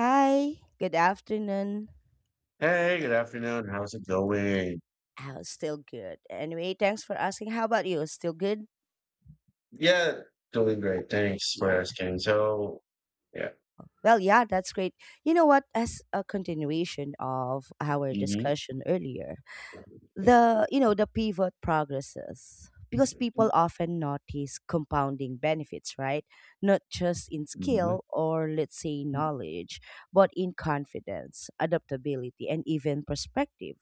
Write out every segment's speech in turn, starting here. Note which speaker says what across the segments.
Speaker 1: Hi, good afternoon.
Speaker 2: Hey, good afternoon. How's it going?
Speaker 1: Oh, still good. Anyway, thanks for asking. How about you? Still good?
Speaker 2: Yeah, doing great. Thanks for
Speaker 1: Yeah.
Speaker 2: asking. So, yeah.
Speaker 1: Well, yeah, that's great. You know what? As a continuation of our
Speaker 2: Mhm.
Speaker 1: discussion earlier, the the pivot progresses because people often notice compounding benefits, right, not just in
Speaker 2: Mhm.
Speaker 1: skill or, let's say, knowledge, but in confidence, adaptability, and even perspective.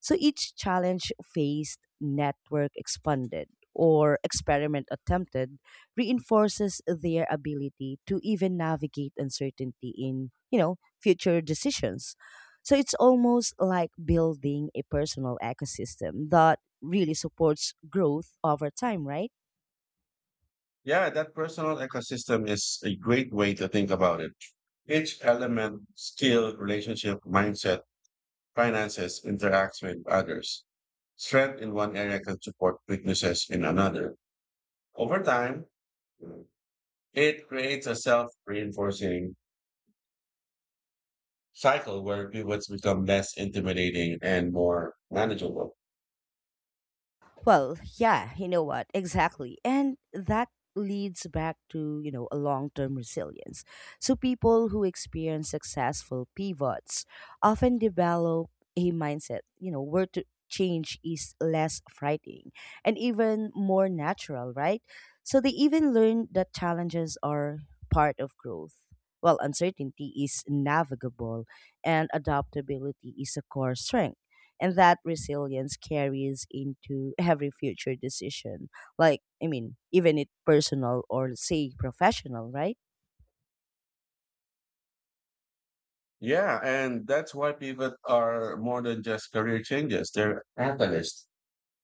Speaker 1: So each challenge faced, network expanded, or experiment attempted reinforces their ability to even navigate uncertainty in, future decisions. So it's almost like building a personal ecosystem that really supports growth over time, right?
Speaker 2: Yeah, that personal ecosystem is a great way to think about it. Each element, skill, relationship, mindset, finances interacts with others. Strength in one area can support weaknesses in another. Over time, it creates a self reinforcing cycle where pivots become less intimidating and more manageable.
Speaker 1: Well, yeah, you know what? Exactly. And that leads back to, you know, a long-term resilience. So people who experience successful pivots often develop a mindset, you know, where to change is less frightening and even more natural, right? So they even learn that challenges are part of growth. Well, uncertainty is navigable and adaptability is a core strength, and that resilience carries into every future decision, like I mean even it personal or say professional, right?
Speaker 2: Yeah, and that's why pivots are more than just career changes. They're catalysts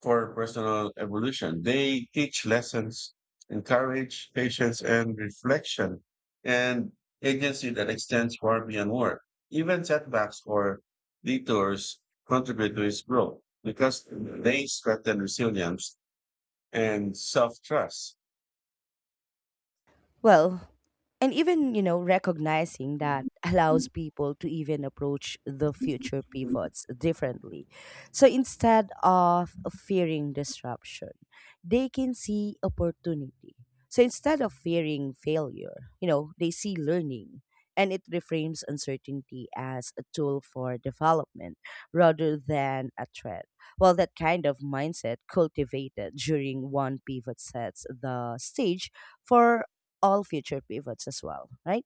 Speaker 2: for personal evolution. They teach lessons, encourage patience and reflection, and agency that extends far beyond work. Even setbacks or detours contribute to its growth because they strengthen resilience and self-trust.
Speaker 1: Well, and even, you know, recognizing that allows people to even approach the future pivots differently. So instead of fearing disruption, they can see opportunity. So instead of fearing failure, you know, they see learning, and it reframes uncertainty as a tool for development rather than a threat. Well, that kind of mindset cultivated during one pivot sets the stage for all future pivots as well, right?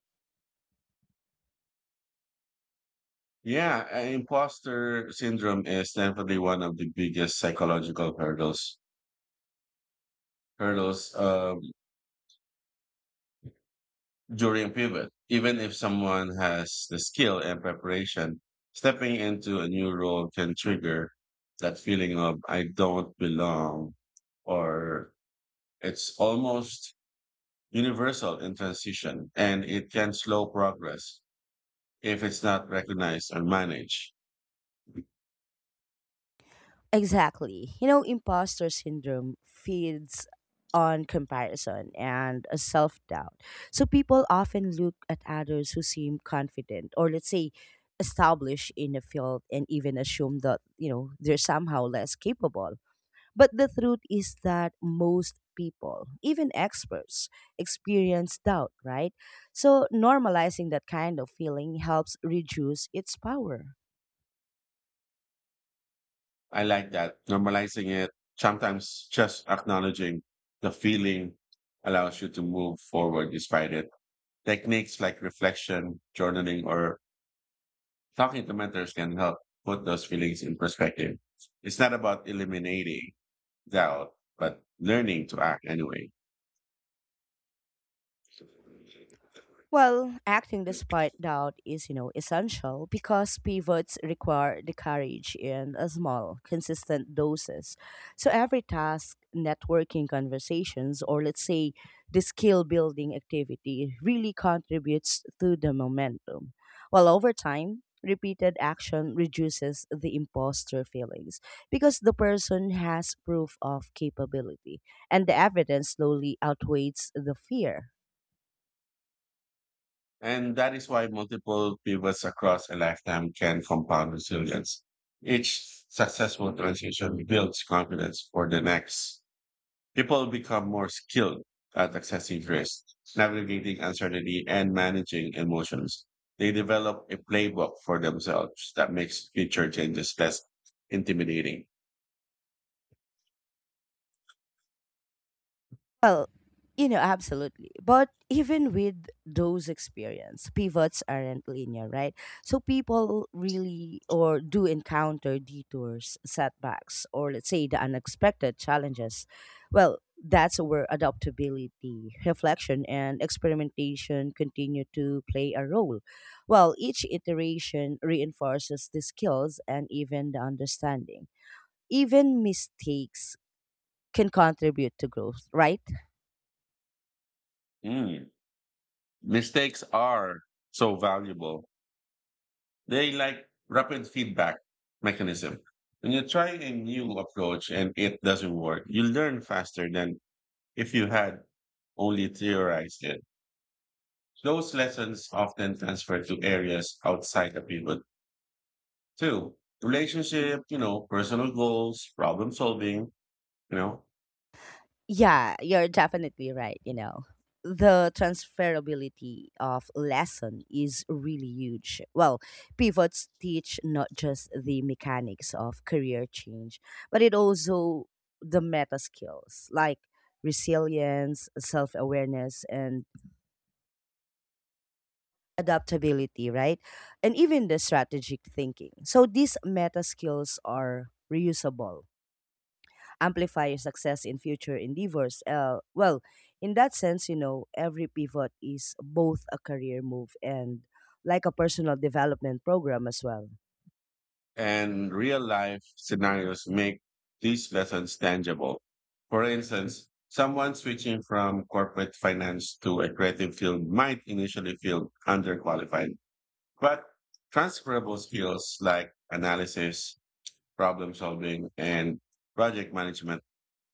Speaker 2: Yeah, imposter syndrome is definitely one of the biggest psychological hurdles during pivot. Even if someone has the skill and preparation, stepping into a new role can trigger that feeling of I don't belong, or it's almost universal in transition, and it can slow progress if it's not recognized or managed.
Speaker 1: Exactly. You know, imposter syndrome feeds on comparison and a self doubt. So people often look at others who seem confident or, let's say, established in a field and even assume that, you know, they're somehow less capable. But the truth is that most people, even experts, experience doubt, right? So normalizing that kind of feeling helps reduce its power.
Speaker 2: I like that. Normalizing it, sometimes just acknowledging the feeling allows you to move forward despite it. Techniques like reflection, journaling, or talking to mentors can help put those feelings in perspective. It's not about eliminating doubt, but learning to act anyway.
Speaker 1: Well, acting despite doubt is, you know, essential because pivots require the courage in a small, consistent doses. So every task, networking conversations, or, let's say, the skill building activity really contributes to the momentum. While over time, repeated action reduces the imposter feelings because the person has proof of capability, and the evidence slowly outweighs the fear.
Speaker 2: And that is why multiple pivots across a lifetime can compound resilience. Each successful transition builds confidence for the next. People become more skilled at accessing risk, navigating uncertainty, and managing emotions. They develop a playbook for themselves that makes future changes less intimidating.
Speaker 1: Well, you know, absolutely. But even with those experience, pivots aren't linear, right? So people really or do encounter detours, setbacks, or, let's say, the unexpected challenges. Well, that's where adaptability, reflection, and experimentation continue to play a role. Well, each iteration reinforces the skills and even the understanding. Even mistakes can contribute to growth, right?
Speaker 2: Mm. Mistakes are so valuable. They like rapid feedback mechanism. When you try a new approach and it doesn't work, you learn faster than if you had only theorized it. Those lessons often transfer to areas outside the pivot too. Relationship, you know, personal goals, problem solving, you know,
Speaker 1: Yeah, you're definitely right. You know, the transferability of lesson is really huge. Well, pivots teach not just the mechanics of career change, but it also the meta skills like resilience, self awareness, and adaptability, right? And even the strategic thinking. So these meta skills are reusable, amplify your success in future endeavors. Well, in that sense, you know, every pivot is both a career move and like a personal development program as well.
Speaker 2: and real life scenarios make these lessons tangible. For instance, someone switching from corporate finance to a creative field might initially feel underqualified, but transferable skills like analysis, problem solving, and project management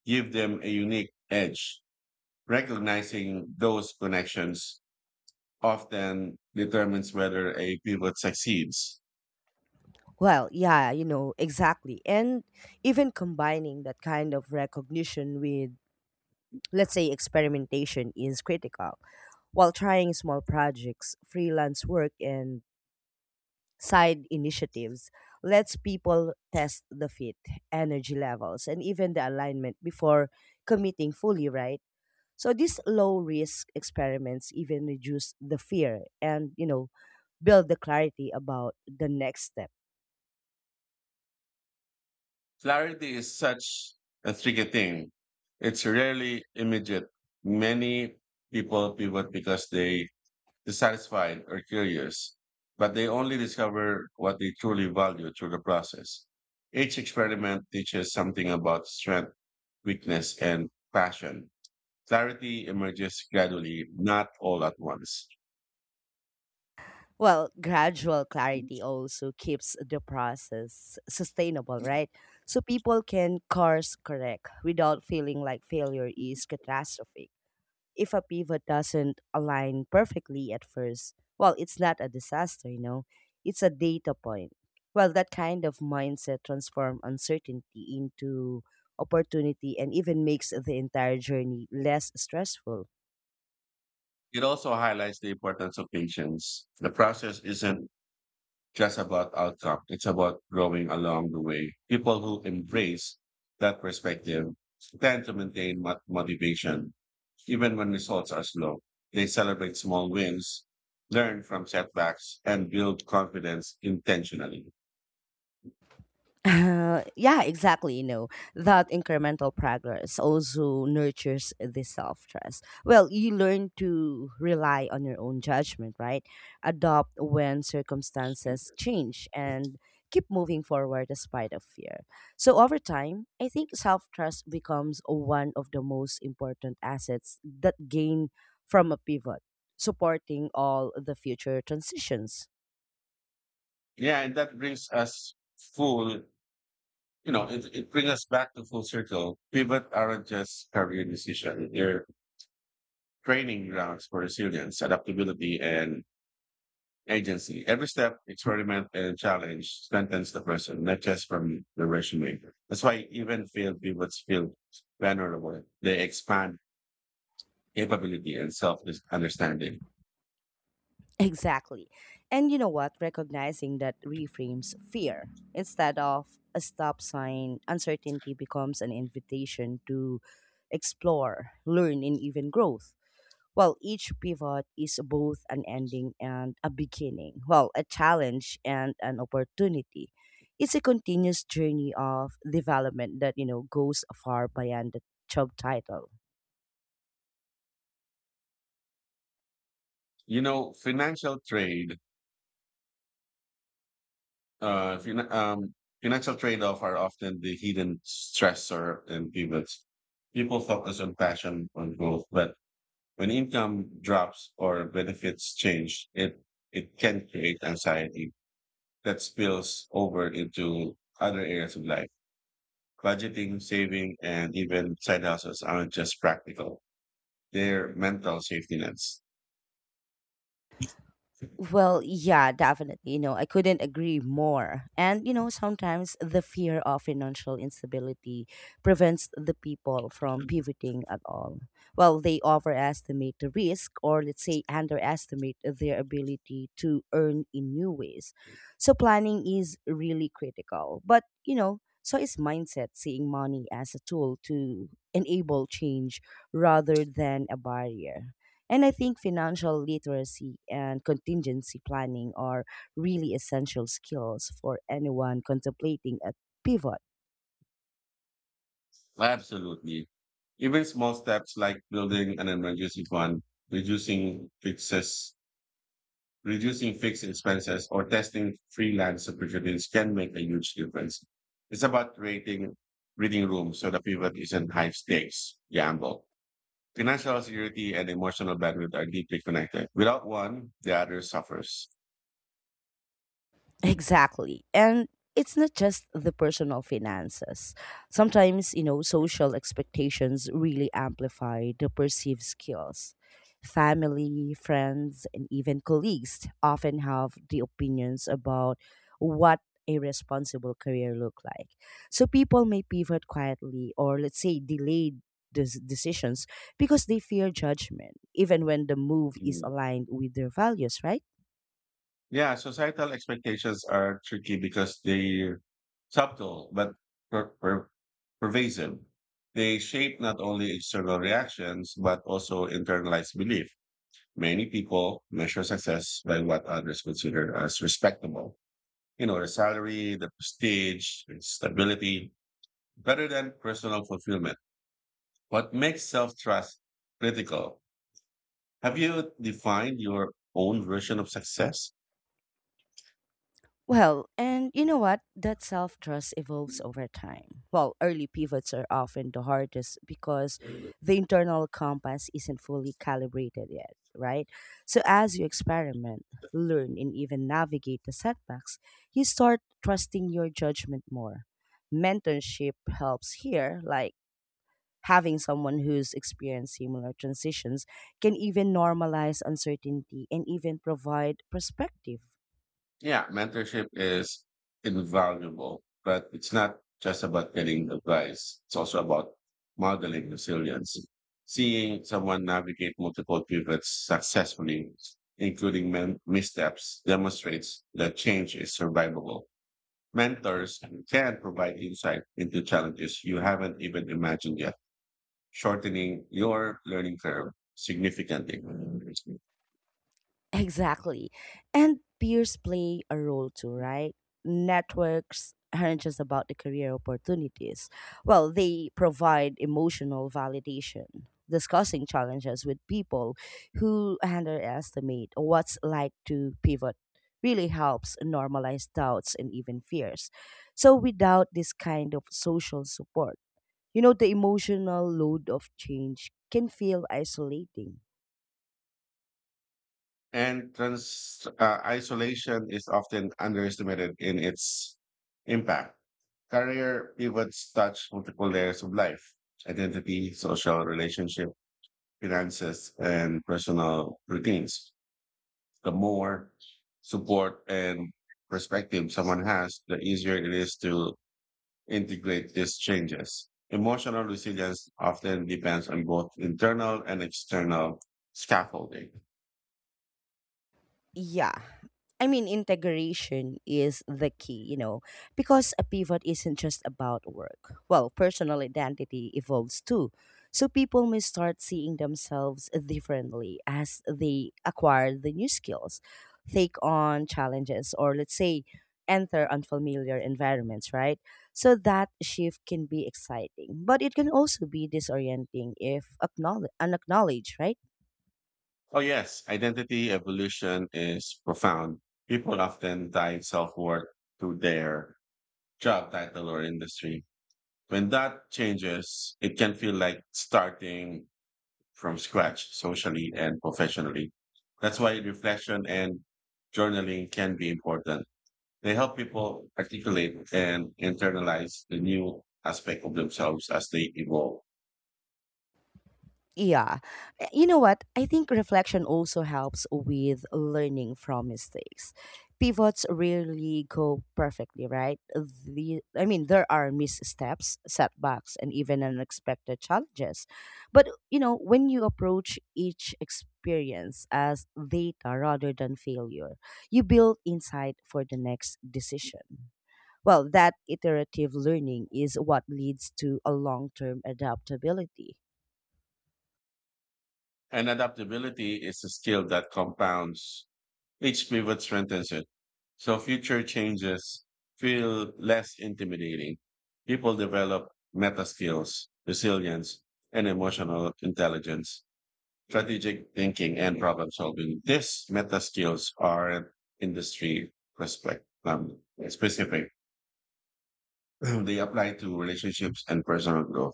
Speaker 2: give them a unique edge. Recognizing those connections often determines whether a pivot succeeds.
Speaker 1: Well, yeah, you know, exactly. And even combining that kind of recognition with, let's say, experimentation is critical. While trying small projects, freelance work, and side initiatives lets people test the fit, energy levels, and even the alignment before committing fully, right? So these low risk experiments even reduce the fear and, you know, build the clarity about the next step.
Speaker 2: Clarity is such a tricky thing. It's rarely immediate. Many people pivot because they dissatisfied or curious, but they only discover what they truly value through the process. Each experiment teaches something about strength, weakness, and passion. Clarity emerges gradually, not all at once.
Speaker 1: Well, gradual clarity also keeps the process sustainable, right? So people can course correct without feeling like failure is catastrophic. If a pivot doesn't align perfectly at first, well, it's not a disaster, you know, it's a data point. Well, that kind of mindset transforms uncertainty into opportunity and even makes the entire journey less stressful.
Speaker 2: It also highlights the importance of patience. The process isn't just about outcome, it's about growing along the way. People who embrace that perspective tend to maintain motivation even when results are slow. They celebrate small wins, learn from setbacks, and build confidence intentionally.
Speaker 1: Yeah, exactly. You know, that incremental progress also nurtures the self trust. Well, you learn to rely on your own judgment, right? Adopt when circumstances change and keep moving forward despite of fear. So over time, I think self trust becomes one of the most important assets that gain from a pivot, supporting all the future transitions.
Speaker 2: Yeah, and that brings us full, you know, it brings us back to full circle. Pivot aren't just career decisions. They're training grounds for resilience, adaptability, and agency. Every step, experiment, and challenge strengthens the person, not just from the resume. That's why even field pivots feel vulnerable. They expand capability and self understanding.
Speaker 1: Exactly. And you know what? Recognizing that reframes fear. Instead of a stop sign, uncertainty becomes an invitation to explore, learn, and even growth. Well, each pivot is both an ending and a beginning. Well, a challenge and an opportunity. It's a continuous journey of development that, you know, goes far beyond the job title.
Speaker 2: You know, uh, fin- um, financial trade off are often the hidden stressor in pivots. People focus on passion, on growth, but when income drops or benefits change, it can create anxiety that spills over into other areas of life. Budgeting, saving, and even side hustles aren't just practical; they're mental safety nets.
Speaker 1: Well, yeah, definitely. You know, I couldn't agree more. And, you know, sometimes the fear of financial instability prevents the people from pivoting at all. Well, they overestimate the risk or, let's say, underestimate their ability to earn in new ways. So, planning is really critical. But, you know, so is mindset, seeing money as a tool to enable change rather than a barrier. And I think financial literacy and contingency planning are really essential skills for anyone contemplating a pivot.
Speaker 2: Absolutely. Even small steps like building an emergency fund, reducing fixes, reducing fixed expenses or testing freelance opportunities can make a huge difference. It's about creating breathing room so the pivot isn't high stakes gamble. Financial security and emotional bandwidth are deeply connected. Without one, the other suffers.
Speaker 1: Exactly. And it's not just the personal finances. Sometimes, you know, social expectations really amplify the perceived skills. Family, friends, and even colleagues often have the opinions about what a responsible career look like. So people may pivot quietly or, let's say, delayed decisions because they fear judgment even when the move is
Speaker 2: Mm.
Speaker 1: aligned with their values, right?
Speaker 2: Yeah, societal expectations are tricky because they subtle but per- per- pervasive. They shape not only external reactions but also internalized belief. Many people measure success by what others consider as respectable. You know, the salary, the prestige, the stability, better than personal fulfillment. What makes self trust critical? Have you defined your own version of success?
Speaker 1: Well, and you know what? That self trust evolves over time. Well, early pivots are often the hardest because the internal compass isn't fully calibrated yet, right? So, as you experiment, learn, and even navigate the setbacks, you start trusting your judgment more. Mentorship helps here, like having someone who's experienced similar transitions can even normalize uncertainty and even provide perspective.
Speaker 2: Yeah, mentorship is invaluable, but it's not just about getting advice. It's also about modeling resilience. Seeing someone navigate multiple pivots successfully, including missteps, demonstrates that change is survivable. Mentors can provide insight into challenges you haven't even imagined yet, shortening your learning curve significantly.
Speaker 1: Exactly. And peers play a role too, right? Networks aren't just about the career opportunities. Well, they provide emotional validation, discussing challenges with people who underestimate what's like to pivot. Really helps normalize doubts and even fears. So, without this kind of social support, you know, the emotional load of change can feel isolating.
Speaker 2: And trans Isolation is often underestimated in its impact. Career pivots touch multiple layers of life identity, social relationship, finances, and personal routines. The more support and perspective someone has, the easier it is to integrate these changes. Emotional resilience often depends on both internal and external scaffolding.
Speaker 1: Yeah, I mean integration is the key, you know, because a pivot isn't just about work. Well, personal identity evolves too. So people may start seeing themselves differently as they acquire the new skills, take on challenges, or, let's say, enter unfamiliar environments, right? So that shift can be exciting, but it can also be disorienting if unacknowledged, right?
Speaker 2: Oh, yes. Identity evolution is profound. People often tie self worth to their job title or industry. When that changes, it can feel like starting from scratch socially and professionally. That's why reflection and journaling can be important. They help people articulate and internalize the new aspect of themselves as they evolve.
Speaker 1: Yeah. You know what? I think reflection also helps with learning from mistakes. Pivots rarely go perfectly, right? I mean, there are missteps, setbacks, and even unexpected challenges. But, you know, when you approach each experience as data rather than failure, you build insight for the next decision. Well, that iterative learning is what leads to a long term adaptability.
Speaker 2: And adaptability is a skill that compounds. Each pivot strengthens it. So future changes feel less intimidating. People develop meta skills, resilience, and emotional intelligence, strategic thinking, and problem solving. These meta skills are industry respect, um, specific. They apply to relationships and personal growth.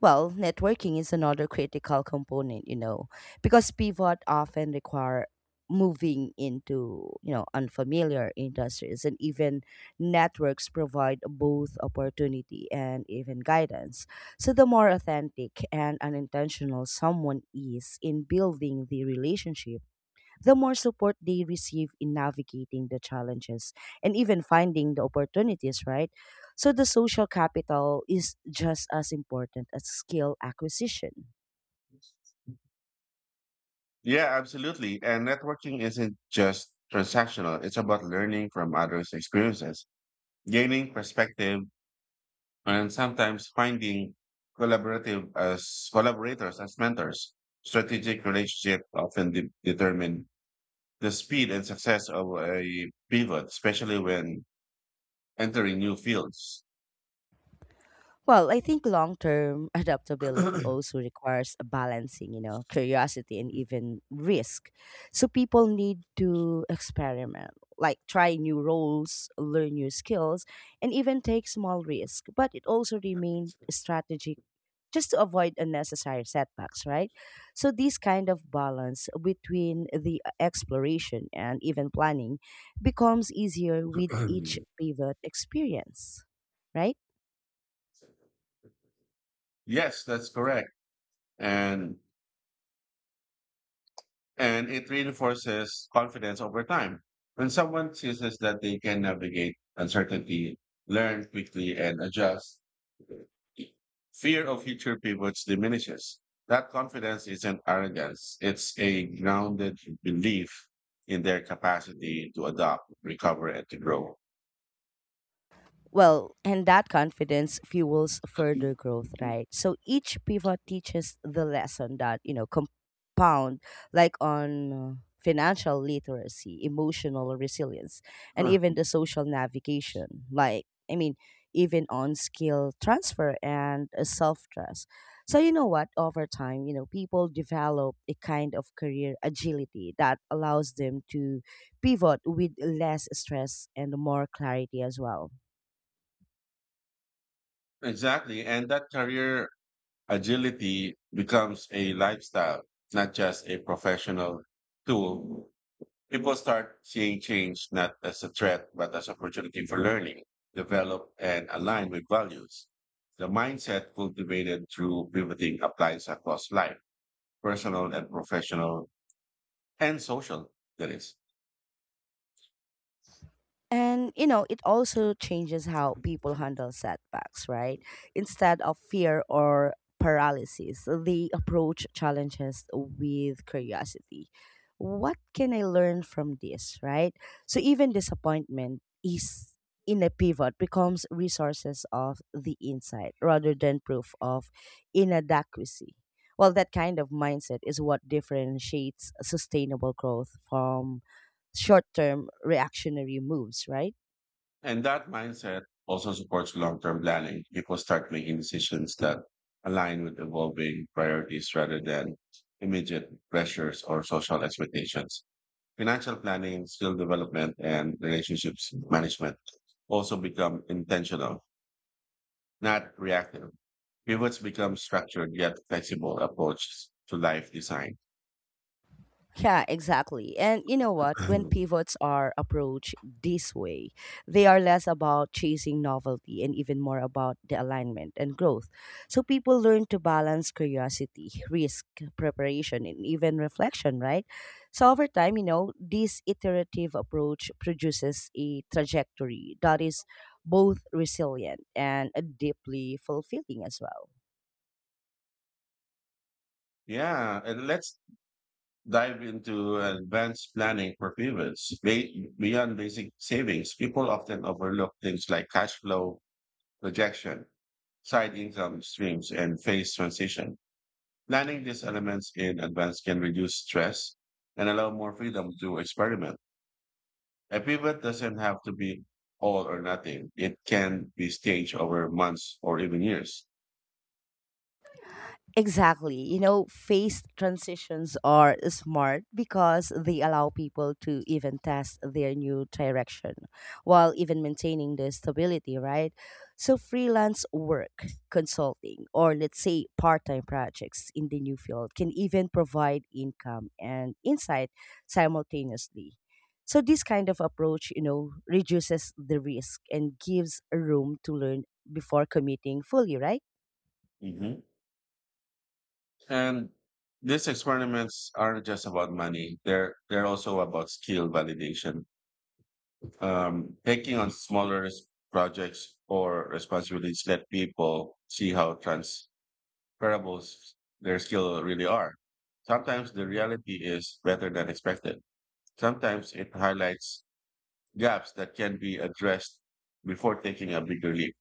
Speaker 1: Well, networking is another critical component, you know, because pivot often require moving into, you know, unfamiliar industries, and even networks provide both opportunity and even guidance. So the more authentic and unintentional someone is in building the relationship, the more support they receive in navigating the challenges and even finding the opportunities, right? So the social capital is just as important as skill acquisition.
Speaker 2: Yeah, absolutely. And networking isn't just transactional. It's about learning from others' experiences, gaining perspective and sometimes finding collaborative as collaborators as mentors. Strategic relationships often determine the speed and success of a pivot, especially when entering new fields.
Speaker 1: Well, I think long term adaptability also requires a balancing, you know, curiosity and even risk. So people need to experiment, like try new roles, learn new skills, and even take small risks. But it also remains strategic just to avoid unnecessary setbacks, right? So, this kind of balance between the exploration and even planning becomes easier with each pivot experience, right?
Speaker 2: Yes, that's correct. And and it reinforces confidence over time. When someone sees that they can navigate uncertainty, learn quickly, and adjust, fear of future pivots diminishes. That confidence isn't arrogance, it's a grounded belief in their capacity to adapt, recover, and to grow.
Speaker 1: Well, and that confidence fuels further growth, right? So each pivot teaches the lesson that, you know, compound like on financial literacy, emotional resilience, and
Speaker 2: Huh.
Speaker 1: even the social navigation. Like, I mean, even on skill transfer and self trust. So, you know what? Over time, you know, people develop a kind of career agility that allows them to pivot with less stress and more clarity as well.
Speaker 2: Exactly. And that career agility becomes a lifestyle, not just a professional tool. People start seeing change not as a threat, but as opportunity for learning, develop, and align with values. The mindset cultivated through pivoting applies across life, personal and professional and social, that is.
Speaker 1: And you know, it also changes how people handle setbacks, right? Instead of fear or paralysis, they approach challenges with curiosity. What can I learn from this, right? So even disappointment is in a pivot becomes resources of the insight rather than proof of inadequacy. Well, that kind of mindset is what differentiates sustainable growth from short term reactionary moves, right?
Speaker 2: And that mindset also supports long term planning. People start making decisions that align with evolving priorities rather than immediate pressures or social expectations. Financial planning, skill development, and relationships management also become intentional, not reactive. Pivots become structured yet flexible approaches to life design.
Speaker 1: Yeah, exactly. And you know what? When pivots are approached this way, they are less about chasing novelty and even more about the alignment and growth. So people learn to balance curiosity, risk, preparation, and even reflection, right? So over time, you know, this iterative approach produces a trajectory that is both resilient and deeply fulfilling as well.
Speaker 2: Yeah, and let's dive into advanced planning for pivots. Beyond basic savings, people often overlook things like cash flow projection, side income streams, and phase transition. Planning these elements in advance can reduce stress and allow more freedom to experiment. A pivot doesn't have to be all or nothing. It can be staged over months or even years.
Speaker 1: Exactly. You know, phase transitions are smart because they allow people to even test their new direction while even maintaining the stability, right? So, freelance work, consulting, or, let's say, part time projects in the new field can even provide income and insight simultaneously. So, this kind of approach, you know, reduces the risk and gives room to learn before committing fully, right?
Speaker 2: Hmm. And these experiments aren't just about money. They're also about skill validation. Taking on smaller projects or responsibilities let people see how transferable s- their skill really are. Sometimes the reality is better than expected. Sometimes it highlights gaps that can be addressed before taking a bigger leap.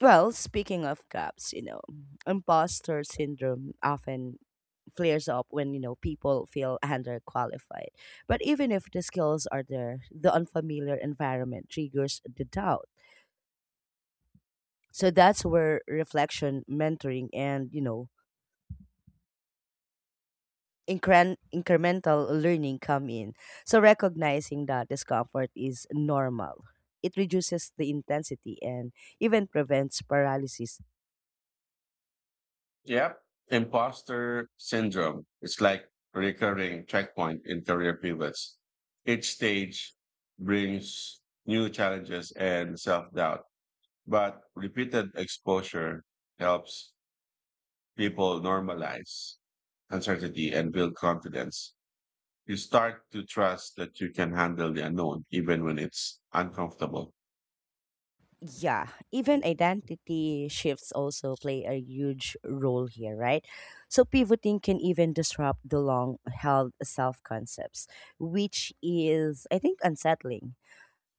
Speaker 1: Well, speaking of gaps, you know, imposter syndrome often flares up when, you know, people feel underqualified. But even if the skills are there, the unfamiliar environment triggers the doubt. So that's where reflection, mentoring, and, you know, incremental learning come in. So recognizing that discomfort is normal, it reduces the intensity and even prevents paralysis.
Speaker 2: Yep. Imposter syndrome. It's like a recurring checkpoint in career pivots. Each stage brings new challenges and self doubt. But repeated exposure helps people normalize uncertainty and build confidence. You start to trust that you can handle the unknown, even when it's uncomfortable.
Speaker 1: Yeah, even identity shifts also play a huge role here, right? So pivoting can even disrupt the long held self concepts, which is I think unsettling.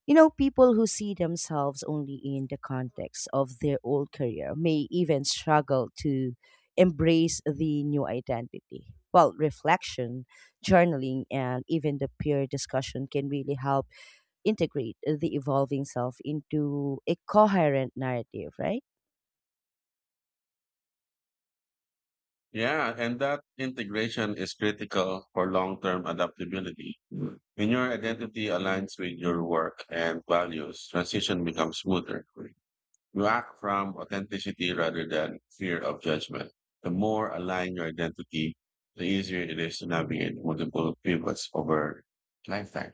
Speaker 1: You know, people who see themselves only in the context of their old career may even struggle to embrace the new identity. Well, reflection, journaling, and even the peer discussion can really help integrate the evolving self into a coherent narrative, right?
Speaker 2: Yeah, and that integration is critical for long term adaptability. Mm. When your identity aligns with your work and values, transition becomes smoother. You act from authenticity rather than fear of judgment. The more aligned your identity, the easier it is to navigate multiple pivots over lifetime.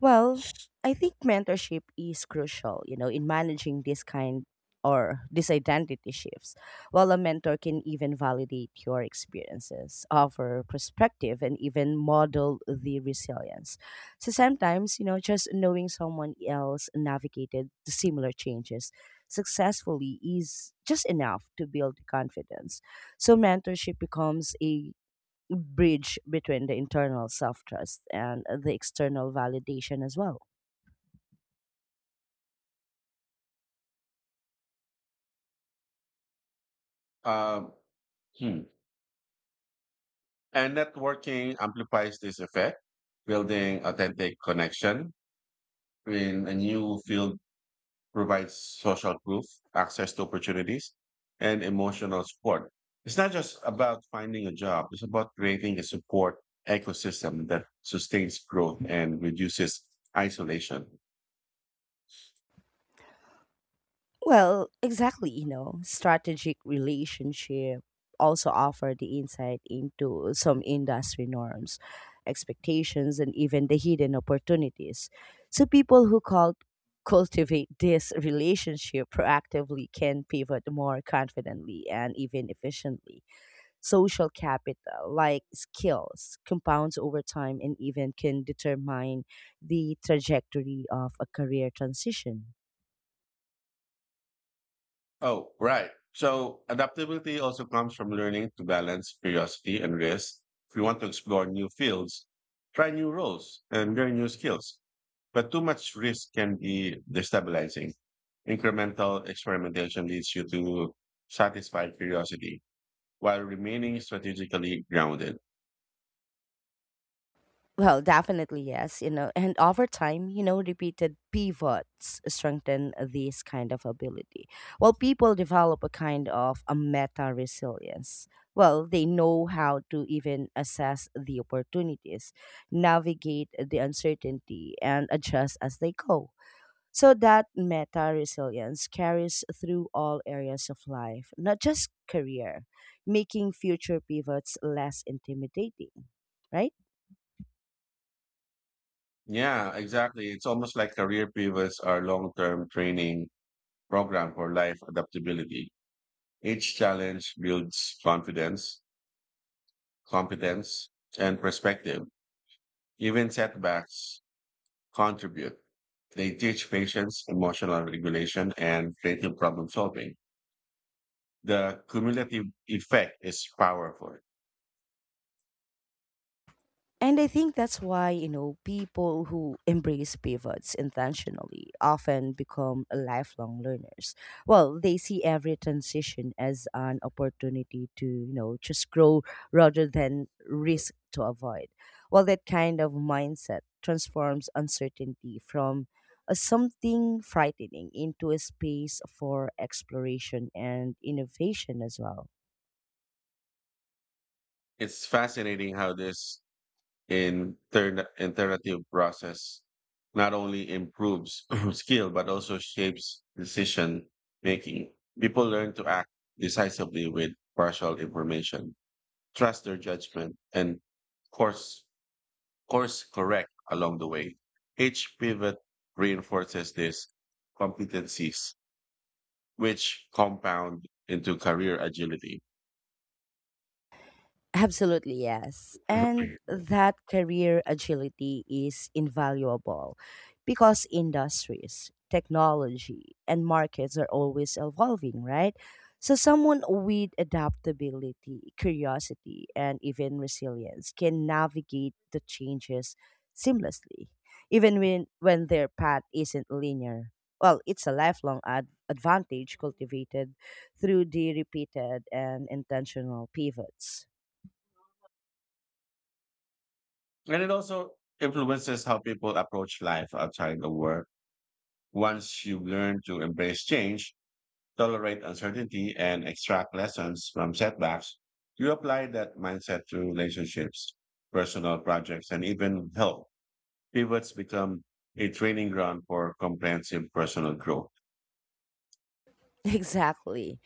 Speaker 1: Well, I think mentorship is crucial, you know, in managing this kind or these identity shifts. While a mentor can even validate your experiences, offer perspective, and even model the resilience. So sometimes, you know, just knowing someone else navigated the similar changes successfully is just enough to build confidence. So mentorship becomes a bridge between the internal self trust and the external validation as well.
Speaker 2: Um, hmm. And networking amplifies this effect, building authentic connection in a new field provides social proof, access to opportunities, and emotional support. It's not just about finding a job, it's about creating a support ecosystem that sustains growth and reduces isolation.
Speaker 1: Well, exactly, you know, strategic relationship also offer the insight into some industry norms, expectations, and even the hidden opportunities. So people who call cultivate this relationship proactively can pivot more confidently and even efficiently. Social capital like skills compounds over time and even can determine the trajectory of a career transition.
Speaker 2: Oh, right. So, adaptability also comes from learning to balance curiosity and risk. If you want to explore new fields, try new roles and learn new skills. But too much risk can be destabilizing. Incremental experimentation leads you to satisfy curiosity while remaining strategically grounded.
Speaker 1: Well, definitely, yes, you know. And over time, you know, repeated pivots strengthen this kind of ability. Well, people develop a kind of a meta resilience. Well, they know how to even assess the opportunities, navigate the uncertainty, and adjust as they go. So that meta resilience carries through all areas of life, not just career, making future pivots less intimidating, right?
Speaker 2: Yeah, exactly. It's almost like career pivots are long-term training program for life adaptability. Each challenge builds confidence, competence, and perspective. Even setbacks contribute. They teach patience, emotional regulation, and creative problem solving. The cumulative effect is powerful.
Speaker 1: And I think that's why, you know, people who embrace pivots intentionally often become lifelong learners. Well, they see every transition as an opportunity to, you know, just grow rather than risk to avoid. Well, that kind of mindset transforms uncertainty from a something frightening into a space for exploration and innovation as well.
Speaker 2: It's fascinating how this in turn, alternative process not only improves skill but also shapes decision making. People learn to act decisively with partial information, trust their judgment, and course course correct along the way. Each pivot reinforces these competencies, which compound into career agility.
Speaker 1: Absolutely, yes. And
Speaker 2: And
Speaker 1: that career agility is invaluable because industries, technology, and markets are always evolving, right? So, someone with adaptability, curiosity, and even resilience can navigate the changes seamlessly, even when their path isn't linear. Well, it's a lifelong advantage cultivated through the repeated and intentional pivots.
Speaker 2: it also influences how people approach life outside the work. Once you learn to embrace change, tolerate uncertainty, and extract lessons from setbacks, you apply that mindset to relationships, personal projects, and even health. Pivots become a training ground for comprehensive personal growth.
Speaker 1: Exactly.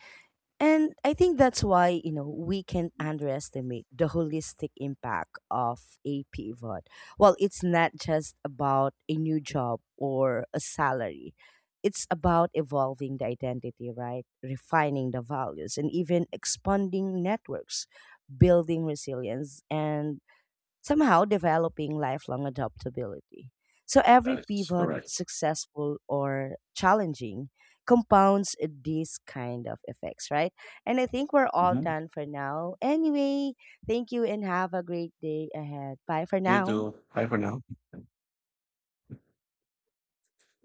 Speaker 1: And I think that's why, you know, we can underestimate the holistic impact of a pivot. Well, it's not just about a new job or a salary. It's about evolving the identity, right? Refining the values and even expanding networks, building resilience and somehow developing lifelong adaptability. So
Speaker 2: That
Speaker 1: every
Speaker 2: is
Speaker 1: pivot,
Speaker 2: correct.
Speaker 1: successful or challenging, compounds these kind of effects, right? And I think we're all
Speaker 2: Mhm.
Speaker 1: done for now. Anyway, thank you and have a great day ahead. Bye for
Speaker 2: You
Speaker 1: now.
Speaker 2: too. Bye for now.